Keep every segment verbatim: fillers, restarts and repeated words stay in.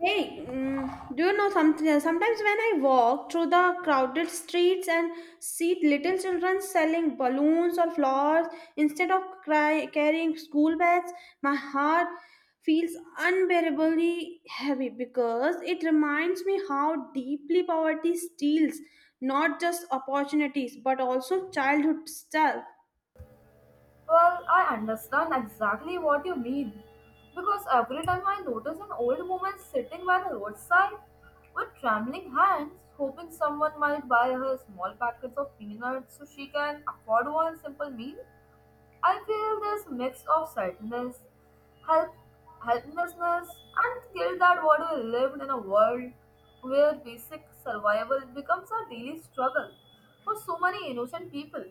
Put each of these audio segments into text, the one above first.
Hey, mm, do you know something? Sometimes when I walk through the crowded streets and see little children selling balloons or flowers instead of cry, carrying school bags, my heart feels unbearably heavy because it reminds me how deeply poverty steals not just opportunities but also childhood stuff. Well, I understand exactly what you mean. Because every time I notice an old woman sitting by the roadside with trembling hands, hoping someone might buy her small packets of peanuts so she can afford one simple meal, I feel this mix of sadness, help, helplessness, and guilt that what we lived in a world where basic survival becomes a daily struggle for so many innocent people.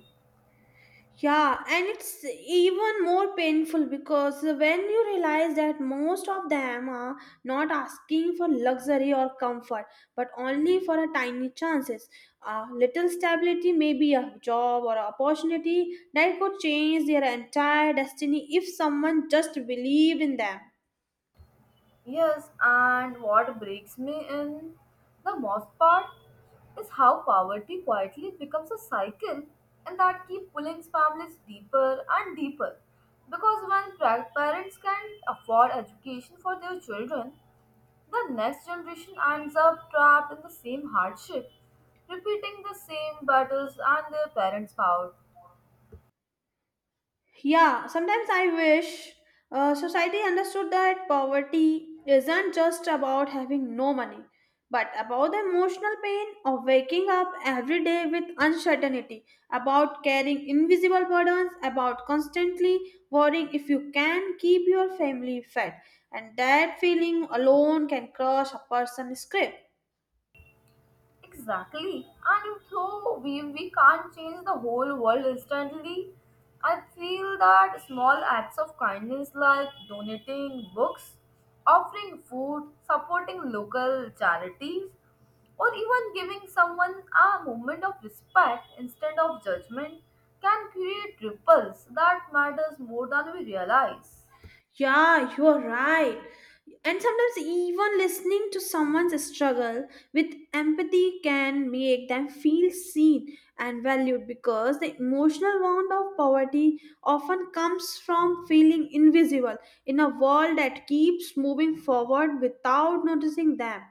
Yeah, and it's even more painful because when you realize that most of them are not asking for luxury or comfort, but only for a tiny chances, a little stability, maybe a job or an opportunity that could change their entire destiny if someone just believed in them. Yes, and what breaks me in the most part is how poverty quietly becomes a cycle and that keeps pulling families deeper and deeper. Because when pra- parents can't afford education for their children, the next generation ends up trapped in the same hardship, repeating the same battles and their parents' power. Yeah, sometimes I wish uh, society understood that poverty isn't just about having no money, but about the emotional pain of waking up every day with uncertainty, about carrying invisible burdens, about constantly worrying if you can keep your family fed. And that feeling alone can crush a person's script. Exactly. And though we, we can't change the whole world instantly, I feel that small acts of kindness like donating books, offering food, supporting local charities, or even giving someone a moment of respect instead of judgment can create ripples that matters more than we realize. Yeah, you are right. And sometimes, even listening to someone's struggle with empathy can make them feel seen and valued because the emotional wound of poverty often comes from feeling invisible in a world that keeps moving forward without noticing them.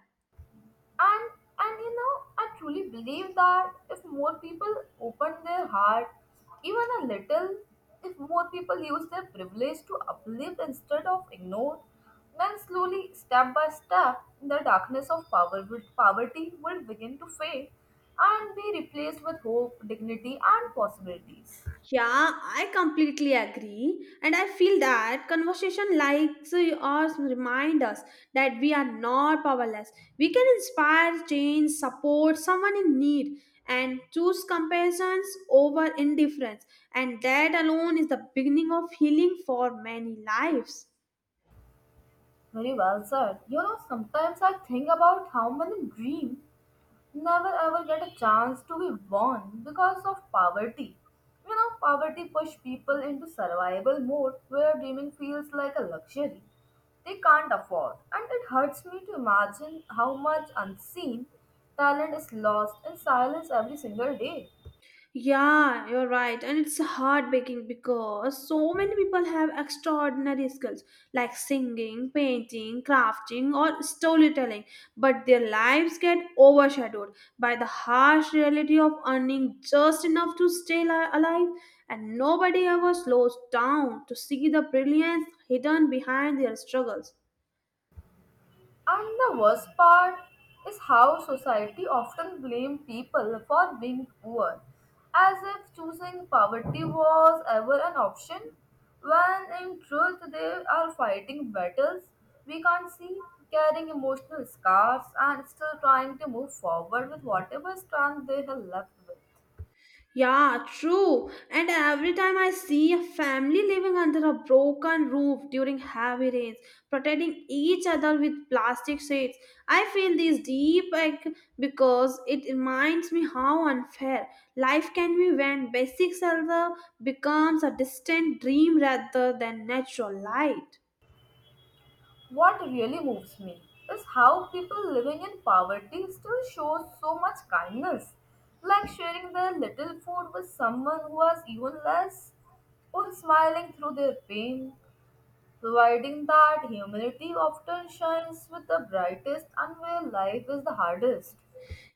And and you know, I truly believe that if more people open their heart, even a little, if more people use their privilege to uplift instead of ignore, then slowly, step by step, the darkness of power would, poverty will begin to fade and be replaced with hope, dignity, and possibilities. Yeah, I completely agree. And I feel that conversation like us remind us that we are not powerless. We can inspire, change, support someone in need and choose comparisons over indifference. And that alone is the beginning of healing for many lives. Very well said. You know, sometimes I think about how many dreams never ever get a chance to be born because of poverty. You know, poverty push people into survival mode where dreaming feels like a luxury they can't afford, and it hurts me to imagine how much unseen talent is lost in silence every single day. Yeah, you're right. And it's heartbreaking because so many people have extraordinary skills like singing, painting, crafting, or storytelling, but their lives get overshadowed by the harsh reality of earning just enough to stay li- alive. And nobody ever slows down to see the brilliance hidden behind their struggles. And the worst part is how society often blame people for being poor, as if choosing poverty was ever an option, when in truth they are fighting battles we can't see, carrying emotional scars, and still trying to move forward with whatever strength they have left with. Yeah, true. And every time I see a family living under a broken roof during heavy rains, protecting each other with plastic shades, I feel this deep ache because it reminds me how unfair life can be when basic shelter becomes a distant dream rather than natural light. What really moves me is how people living in poverty still show so much kindness, like sharing their little food with someone who has even less, or smiling through their pain, providing that humanity often shines with the brightest and where life is the hardest.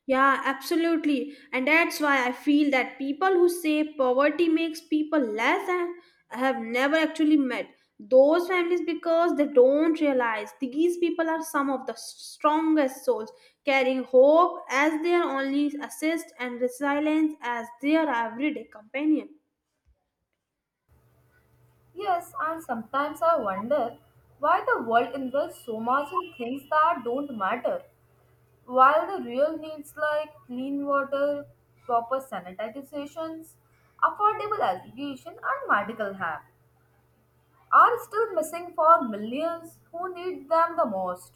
Yeah, absolutely. And that's why I feel that people who say poverty makes people less and have never actually met those families because they don't realize these people are some of the strongest souls, carrying hope as their only assist and resilience as their everyday companion. Yes, and sometimes I wonder why the world invests so much in things that don't matter while the real needs like clean water, proper sanitizations, affordable education, and medical help are still missing for millions who need them the most.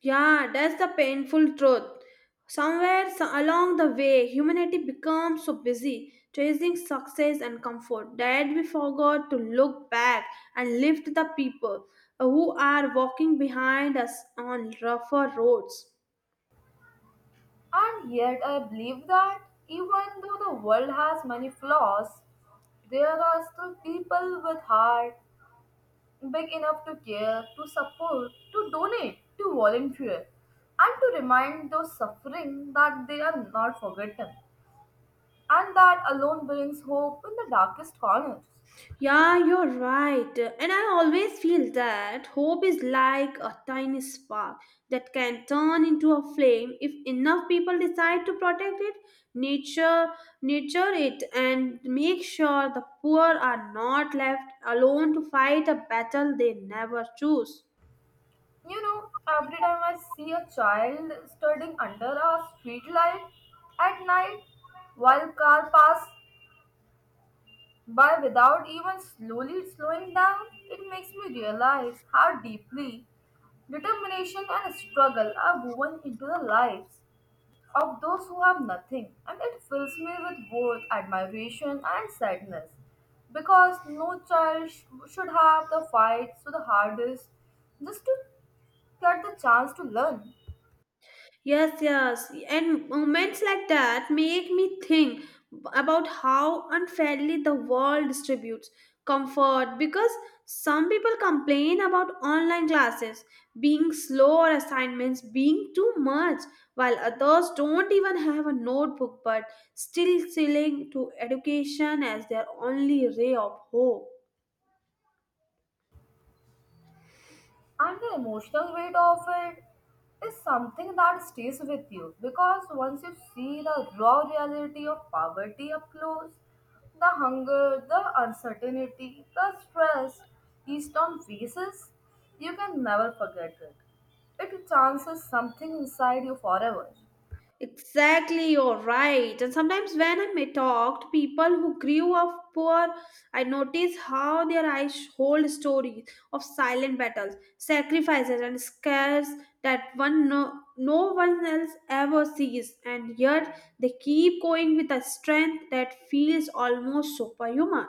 Yeah, that's the painful truth. Somewhere so- along the way, humanity becomes so busy chasing success and comfort that we forgot to look back and lift the people who are walking behind us on rougher roads. And yet, I believe that even though the world has many flaws, there are still people with heart big enough to care, to support, to donate, to volunteer, and to remind those suffering that they are not forgotten, and that alone brings hope in the darkest corners. Yeah, you're right. And I always feel that hope is like a tiny spark that can turn into a flame if enough people decide to protect it, nature, nurture it, and make sure the poor are not left alone to fight a battle they never choose. You know, every time I see a child studying under a street light at night while car pass by without even slowly slowing down, it makes me realize how deeply determination and struggle are woven into their lives of those who have nothing, and it fills me with both admiration and sadness because no child sh- should have the fight so the hardest just to get the chance to learn. Yes, yes. And moments like that make me think about how unfairly the world distributes comfort because some people complain about online classes being slow or assignments being too much, while others don't even have a notebook but still selling to education as their only ray of hope. And the emotional weight of it is something that stays with you because once you see the raw reality of poverty up close, the hunger, the uncertainty, the stress each on faces, you can never forget it. It chances something inside you forever. Exactly, you're right. And sometimes when I talk to people who grew up poor, I notice how their eyes hold stories of silent battles, sacrifices, and scares that one no, no one else ever sees, and yet they keep going with a strength that feels almost superhuman.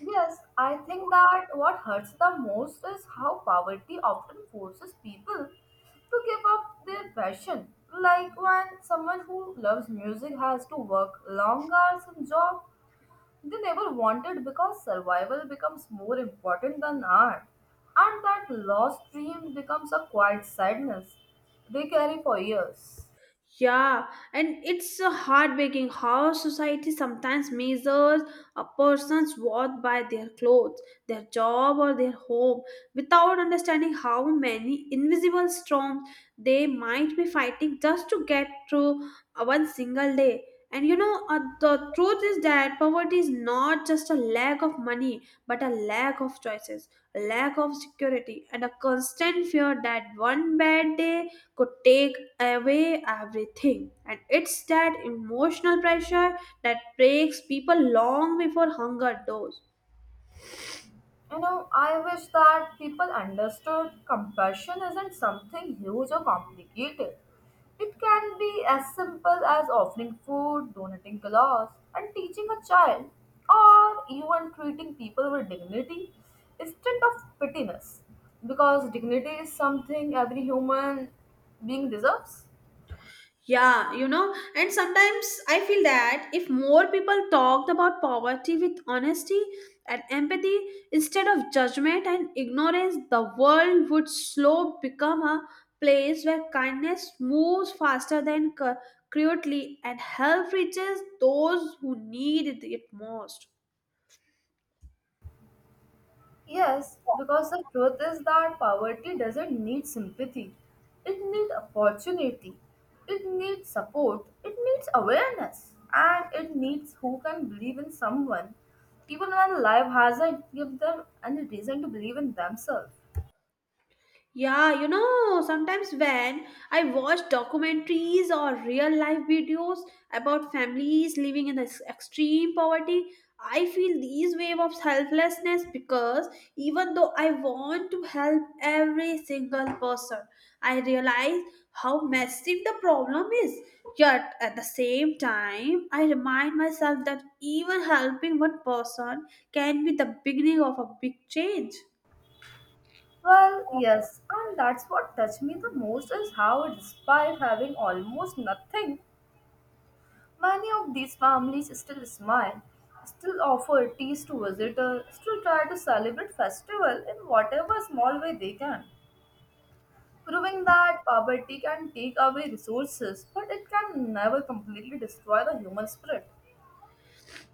Yes, I think that what hurts the most is how poverty often forces people to give up their passion. Like when someone who loves music has to work long hours in job they never wanted because survival becomes more important than art, and that lost dream becomes a quiet sadness they carry for years. Yeah, and it's a heartbreaking how society sometimes measures a person's worth by their clothes, their job, or their home, without understanding how many invisible storms they might be fighting just to get through uh, one single day. And you know, uh, the truth is that poverty is not just a lack of money, but a lack of choices a lack of security, and a constant fear that one bad day could take away everything. And it's that emotional pressure that breaks people long before hunger does. You know, I wish that people understood compassion isn't something huge or complicated. It can be as simple as offering food, donating clothes, and teaching a child, or even treating people with dignity instead of pettiness. Because dignity is something every human being deserves. Yeah, you know, and sometimes I feel that if more people talked about poverty with honesty and empathy instead of judgment and ignorance, the world would slow become a place where kindness moves faster than cu- cruelty and help reaches those who need it most. Yes, because the truth is that poverty doesn't need sympathy. It needs opportunity. It needs support. It needs awareness. And it needs who can believe in someone, even when life hasn't given them any reason to believe in themselves. Yeah, you know, sometimes when I watch documentaries or real life videos about families living in ex- extreme poverty, I feel these wave of helplessness because even though I want to help every single person, I realize how massive the problem is. Yet at the same time, I remind myself that even helping one person can be the beginning of a big change. Well, yes, and that's what touched me the most is how, despite having almost nothing, many of these families still smile, still offer teas to visitors, still try to celebrate festival in whatever small way they can, proving that poverty can take away resources, but it can never completely destroy the human spirit.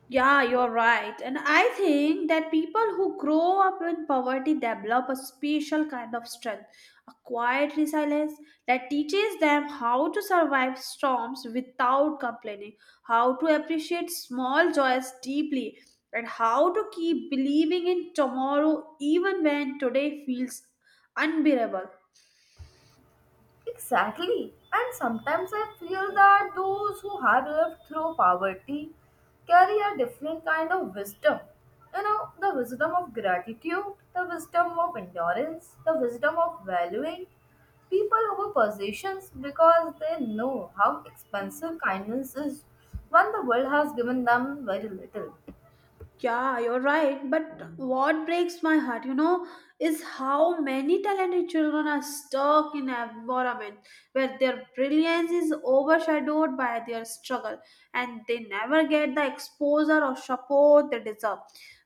Yeah, you're right. And I think that people who grow up in poverty develop a special kind of strength, a quiet resilience that teaches them how to survive storms without complaining, how to appreciate small joys deeply, and how to keep believing in tomorrow even when today feels unbearable. Exactly. And sometimes I feel that those who have lived through poverty carry a different kind of wisdom. You know, the wisdom of gratitude, the wisdom of endurance, the wisdom of valuing people over possessions because they know how expensive kindness is when the world has given them very little. Yeah, you're right. But what breaks my heart, you know, is how many talented children are stuck in an environment where their brilliance is overshadowed by their struggle and they never get the exposure or support they deserve.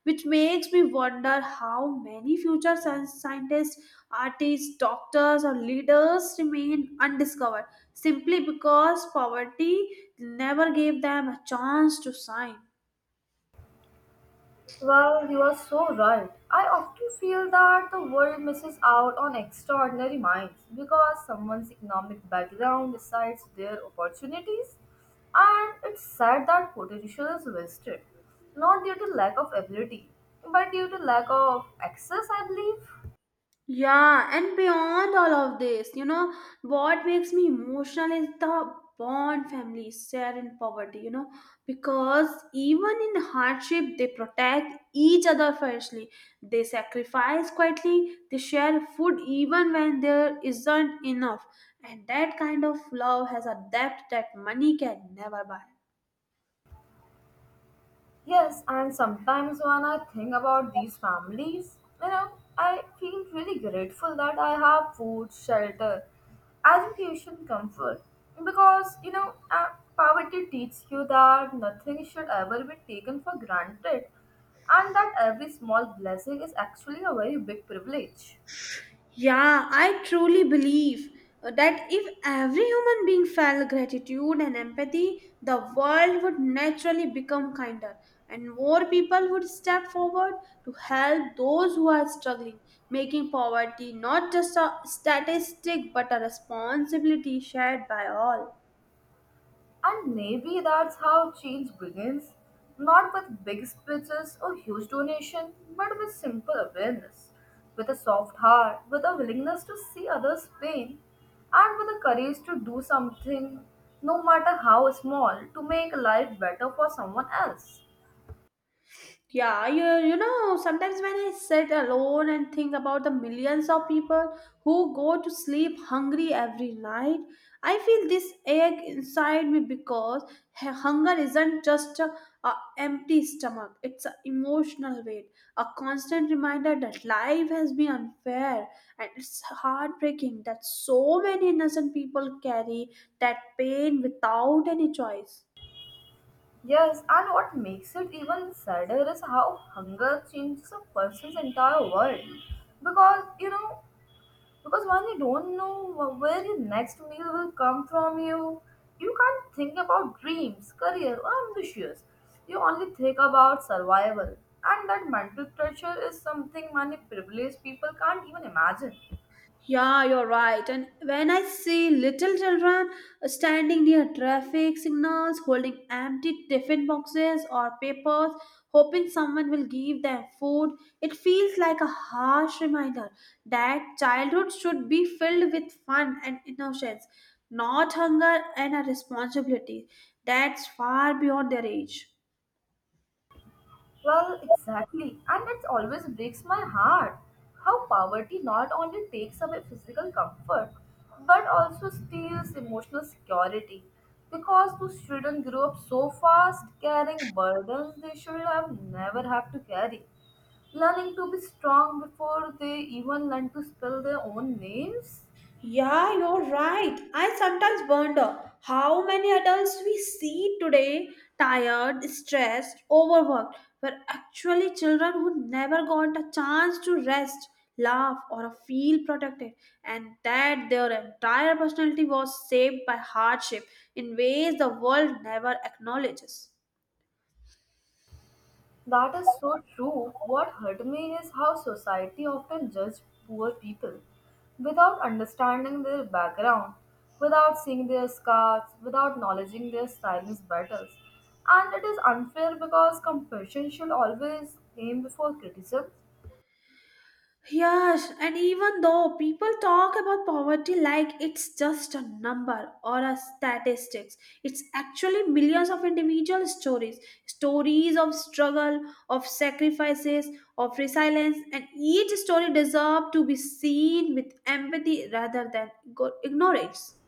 Which makes me wonder how many future sci- scientists, artists, doctors, or leaders remain undiscovered simply because poverty never gave them a chance to shine. Well, you are so right. I often feel that the world misses out on extraordinary minds because someone's economic background decides their opportunities, and it's sad that potential is wasted, not due to lack of ability, but due to lack of access, I believe. Yeah, and beyond all of this, you know, what makes me emotional is the bond families share in poverty, you know, because even in hardship, they protect each other fiercely. They sacrifice quietly, they share food even when there isn't enough. And that kind of love has a depth that money can never buy. Yes, and sometimes when I think about these families, you know, I feel really grateful that I have food, shelter, education, comfort. Because, you know, uh, poverty teaches you that nothing should ever be taken for granted and that every small blessing is actually a very big privilege. Yeah, I truly believe uh, that if every human being felt gratitude and empathy, the world would naturally become kinder and more people would step forward to help those who are struggling, making poverty not just a statistic but a responsibility shared by all. And maybe that's how change begins not with big speeches or huge donation, but with simple awareness, with a soft heart, with a willingness to see others' pain, and with the courage to do something, no matter how small, to make life better for someone else. Yeah, you, you know, sometimes when I sit alone and think about the millions of people who go to sleep hungry every night, I feel this ache inside me because h- hunger isn't just a, a empty stomach, it's an emotional weight, a constant reminder that life has been unfair and it's heartbreaking that so many innocent people carry that pain without any choice. Yes, and what makes it even sadder is how hunger changes a person's entire world. Because, you know, Because when you don't know where your next meal will come from, you you can't think about dreams, career, or ambitions. You only think about survival, and that mental pressure is something many privileged people can't even imagine. Yeah, you're right. And when I see little children standing near traffic signals holding empty tiffin boxes or papers, hoping someone will give them food, it feels like a harsh reminder that childhood should be filled with fun and innocence, not hunger and a responsibility that's far beyond their age. Well, exactly. And it always breaks my heart how poverty not only takes away physical comfort but also steals emotional security. Because those children grow up so fast carrying burdens they should have never have to carry. Learning to be strong before they even learn to spell their own names. Yeah, you're right. I sometimes wonder how many adults we see today tired, stressed, overworked were actually children who never got a chance to rest, laugh, or feel protected, and that their entire personality was shaped by hardship in ways the world never acknowledges. That is so true. What hurt me is how society often judges poor people without understanding their background, without seeing their scars, without acknowledging their silence battles. And it is unfair because compassion should always aim before criticism. Yes, and even though people talk about poverty like it's just a number or a statistics, it's actually millions of individual stories, stories of struggle, of sacrifices, of resilience, and each story deserves to be seen with empathy rather than go- ignorance.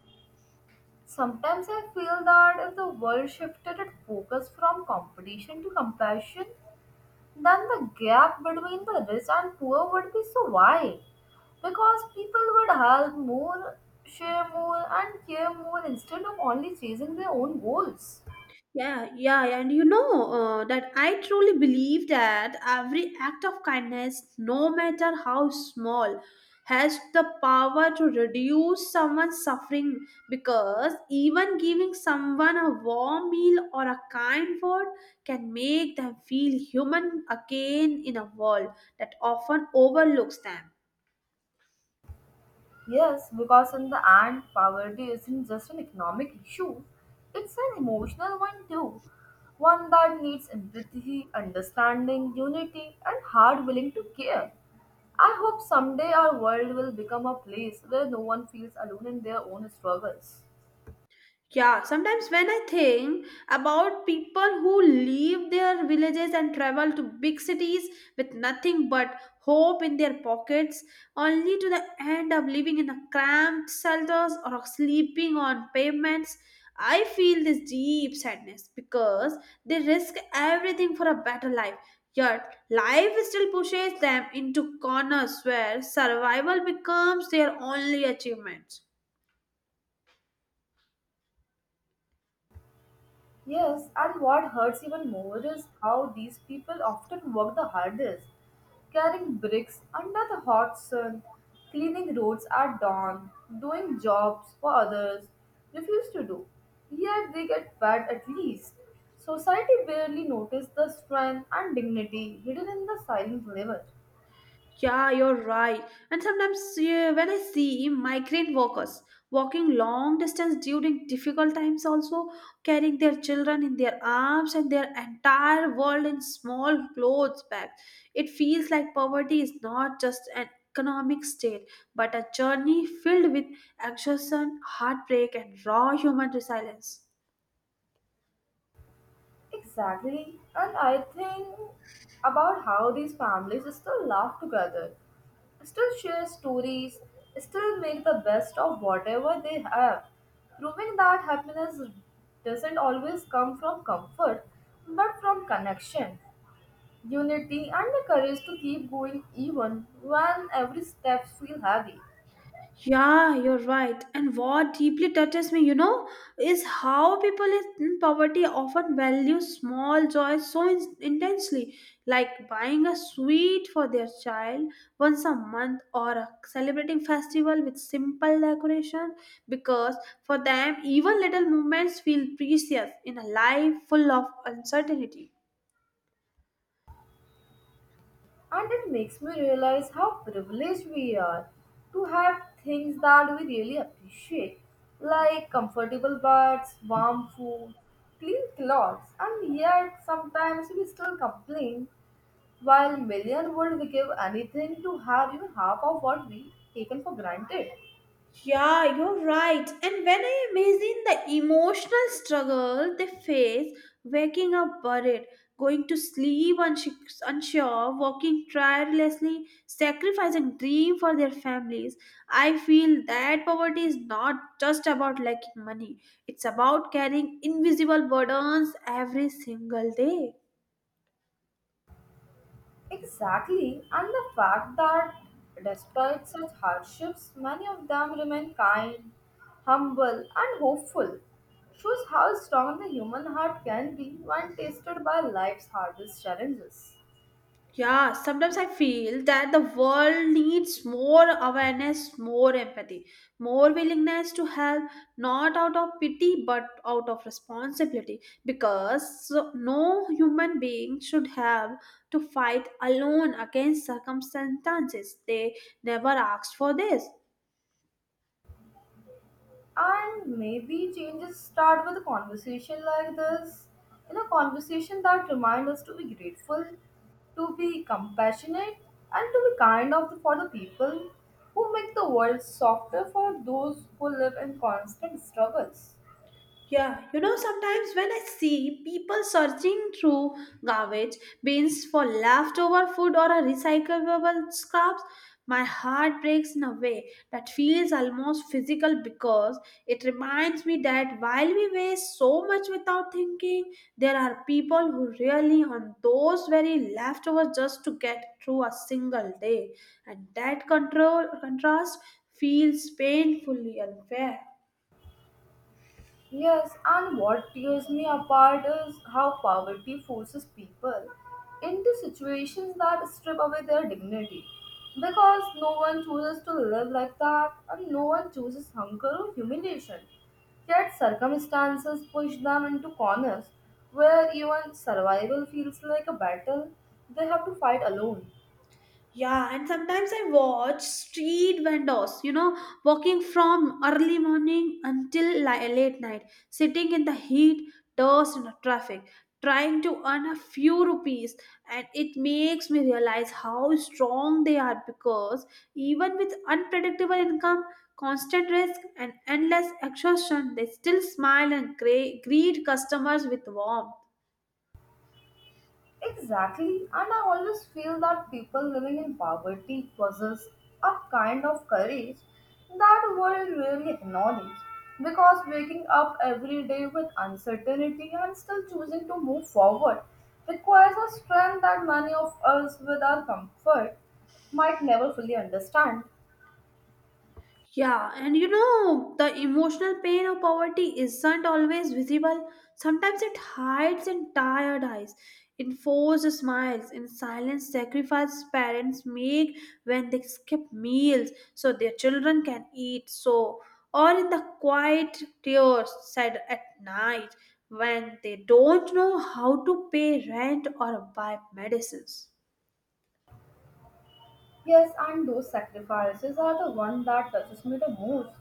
Sometimes I feel that if the world shifted its focus from competition to compassion, then the gap between the rich and poor would be so wide because people would help more, share more, and care more instead of only chasing their own goals. Yeah, yeah, yeah, and you know uh, that I truly believe that every act of kindness, no matter how small, has the power to reduce someone's suffering because even giving someone a warm meal or a kind word can make them feel human again in a world that often overlooks them. Yes, because in the end, poverty isn't just an economic issue, it's an emotional one too. One that needs empathy, understanding, unity, and heart willing to care. I hope someday our world will become a place where no one feels alone in their own struggles. Yeah, sometimes when I think about people who leave their villages and travel to big cities with nothing but hope in their pockets, only to the end up living in a cramped shelters or sleeping on pavements, I feel this deep sadness because they risk everything for a better life. Yet life still pushes them into corners where survival becomes their only achievement. Yes, and what hurts even more is how these people often work the hardest, carrying bricks under the hot sun, cleaning roads at dawn, doing jobs for others refuse to do. Yet they get paid at least. Society barely notices the strength and dignity hidden in the silent labor. Yeah, you're right. And sometimes yeah, when I see migrant workers walking long distance during difficult times, also carrying their children in their arms and their entire world in small clothes bags, it feels like poverty is not just an economic state, but a journey filled with exhaustion, heartbreak, and raw human resilience. Exactly. And I think about how these families still laugh together, still share stories, still make the best of whatever they have, proving that happiness doesn't always come from comfort but from connection, unity, and the courage to keep going even when every step feels heavy. Yeah, you're right. And what deeply touches me, you know, is how people in poverty often value small joys so in- intensely, like buying a sweet for their child once a month or a celebrating festival with simple decoration, because for them, even little moments feel precious in a life full of uncertainty. And it makes me realize how privileged we are to have things that we really appreciate, like comfortable beds, warm food, clean clothes, and yet sometimes we still complain while million would give anything to have even half of what we taken for granted. Yeah, you're right. And when I imagine the emotional struggle they face, waking up worried, going to sleep unsh- unsure, working tirelessly, sacrificing dream for their families, I feel that poverty is not just about lacking money. It's about carrying invisible burdens every single day. Exactly, and the fact that despite such hardships, many of them remain kind, humble, and hopeful shows how strong the human heart can be when tested by life's hardest challenges. Yeah, sometimes I feel that the world needs more awareness, more empathy, more willingness to help, not out of pity but out of responsibility. Because no human being should have to fight alone against circumstances they never asked for this. And maybe changes start with a conversation like this. In a conversation that reminds us to be grateful, to be compassionate, and to be kind of for the people who make the world softer for those who live in constant struggles. Yeah, you know, sometimes when I see people searching through garbage bins for leftover food or a recyclable scraps, my heart breaks in a way that feels almost physical because it reminds me that while we waste so much without thinking, there are people who really on those very leftovers just to get through a single day, and that control contrast feels painfully unfair. Yes, and what tears me apart is how poverty forces people into situations that strip away their dignity. Because no one chooses to live like that, and no one chooses hunger or humiliation. Yet circumstances push them into corners where even survival feels like a battle they have to fight alone. Yeah, and sometimes I watch street vendors, you know, walking from early morning until li- late night, sitting in the heat, dust, and the traffic, trying to earn a few rupees. And it makes me realize how strong they are because even with unpredictable income, constant risk, and endless exhaustion, they still smile and gre- greet customers with warmth. Exactly, and I always feel that people living in poverty possess a kind of courage that world rarely acknowledges because waking up every day with uncertainty and still choosing to move forward requires a strength that many of us with our comfort might never fully understand. Yeah, and you know, the emotional pain of poverty isn't always visible. Sometimes it hides in tired eyes, in forced smiles, in silent sacrifices parents make when they skip meals so their children can eat. So, or in the quiet tears said at night when they don't know how to pay rent or buy medicines. Yes, and those sacrifices are the one that touches me the most.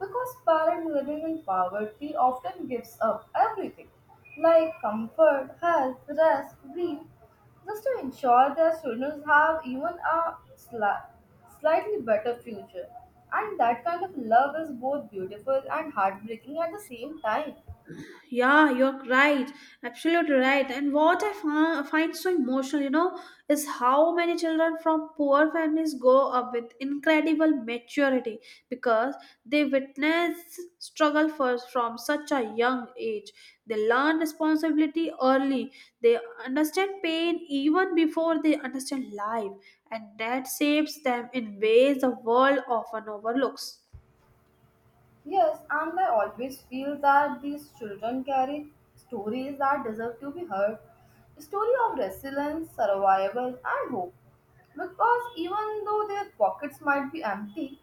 Because parents living in poverty often gives up everything, like comfort, health, rest, dream, just to ensure their children have even a sli- slightly better future. And that kind of love is both beautiful and heartbreaking at the same time. Yeah, you're right. Absolutely right. And what I fi- find so emotional, you know, is how many children from poor families grow up with incredible maturity because they witness struggle first from such a young age. They learn responsibility early. They understand pain even before they understand life, and that shapes them in ways the world often overlooks. Yes, and I always feel that these children carry stories that deserve to be heard. Story of resilience, survival, and hope. Because even though their pockets might be empty,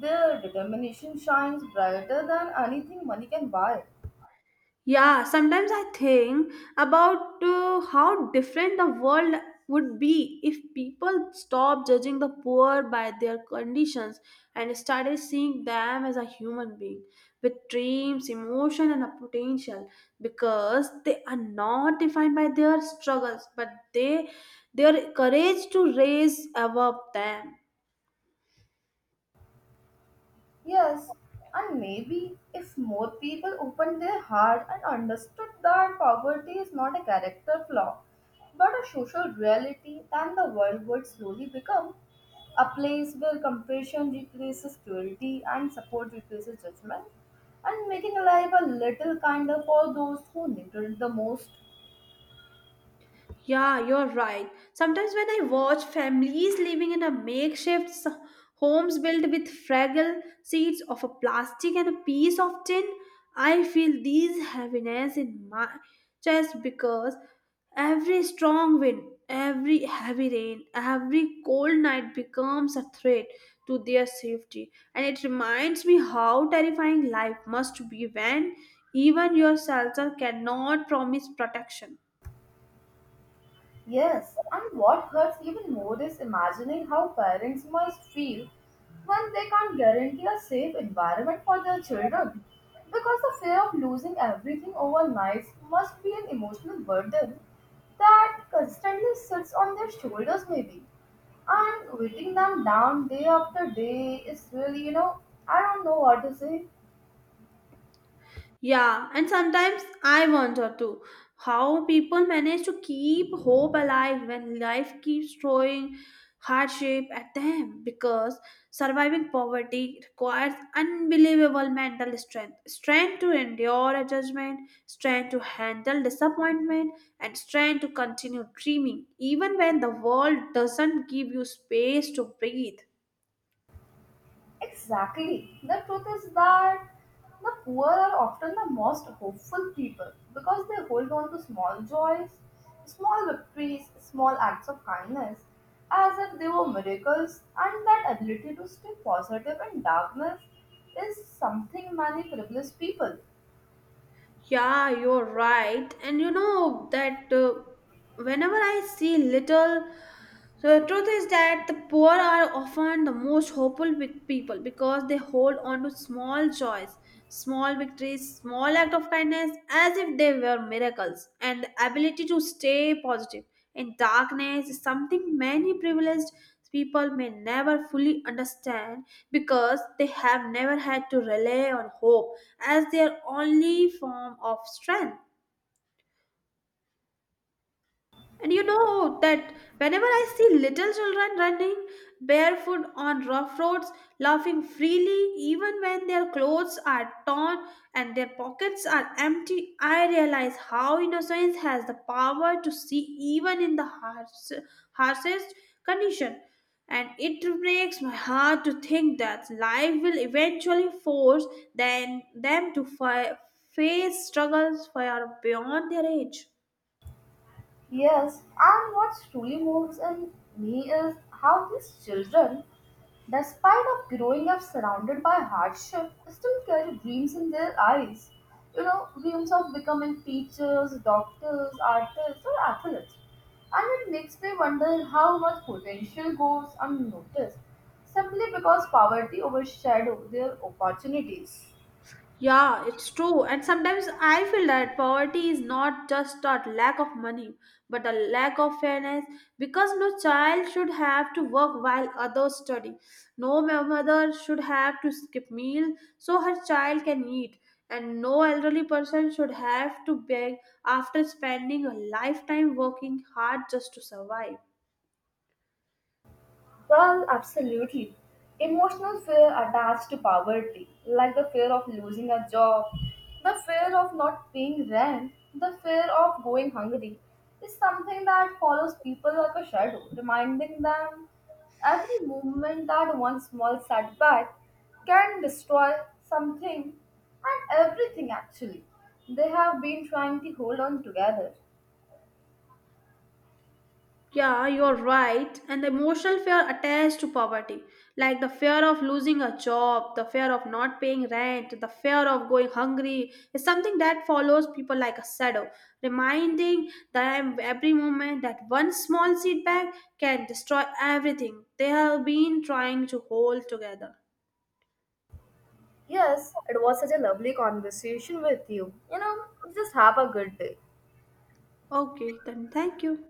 their determination shines brighter than anything money can buy. Yeah, sometimes I think about uh, how different the world would be if people stopped judging the poor by their conditions and started seeing them as a human being with dreams, emotion, and a potential because they are not defined by their struggles but they their courage to raise above them. Yes, and maybe if more people opened their heart and understood that poverty is not a character flaw, but a social reality, then the world would slowly become a place where compassion replaces cruelty and support replaces judgment, and making life a little kinder for those who need it the most. Yeah, you're right. Sometimes when I watch families living in a makeshift s- homes built with fragile seeds of a plastic and a piece of tin, I feel these heaviness in my chest because every strong wind, every heavy rain, every cold night becomes a threat to their safety. And it reminds me how terrifying life must be when even yourself cannot promise protection. Yes, and what hurts even more is imagining how parents must feel when they can't guarantee a safe environment for their children. Because the fear of losing everything overnight must be an emotional burden that constantly sits on their shoulders, maybe. And weighing them down day after day is really, you know, I don't know what to say. Yeah, and sometimes I wonder too how people manage to keep hope alive when life keeps throwing hardship at them because surviving poverty requires unbelievable mental strength strength to endure a judgment, strength to handle disappointment, and strength to continue dreaming even when the world doesn't give you space to breathe. Exactly. The truth is that the poor are often the most hopeful people because they hold on to small joys, small victories, small acts of kindness as if they were miracles, and that ability to stay positive in darkness is something many privileged people. Yeah, you're right. And you know that uh, whenever I see little, so the truth is that the poor are often the most hopeful pe- people because they hold on to small joys, small victories, small act of kindness as if they were miracles. And the ability to stay positive in darkness is something many privileged people may never fully understand because they have never had to rely on hope as their only form of strength. And you know that whenever I see little children running barefoot on rough roads, laughing freely even when their clothes are torn and their pockets are empty, I realize how innocence has the power to see even in the harsh, harshest condition. And it breaks my heart to think that life will eventually force them, them to fi- face struggles far beyond their age. Yes, and what truly moves in me is how these children, despite of growing up surrounded by hardship, still carry dreams in their eyes. You know, dreams of becoming teachers, doctors, artists, or athletes. And it makes me wonder how much potential goes unnoticed simply because poverty overshadows their opportunities. Yeah, it's true. And sometimes I feel that poverty is not just a lack of money, but a lack of fairness because no child should have to work while others study. No ma- mother should have to skip meals so her child can eat. And no elderly person should have to beg after spending a lifetime working hard just to survive. Well, absolutely. Emotional fear attached to poverty, like the fear of losing a job, the fear of not paying rent, the fear of going hungry, is something that follows people like a shadow, reminding them every movement that one small setback can destroy something and everything actually. They have been trying to hold on together. Yeah, you're right. And the emotional fear attached to poverty, like the fear of losing a job, the fear of not paying rent, the fear of going hungry, is something that follows people like a shadow, reminding them every moment that one small setback can destroy everything they have been trying to hold together. Yes, it was such a lovely conversation with you. You know, just have a good day. Okay, then thank you.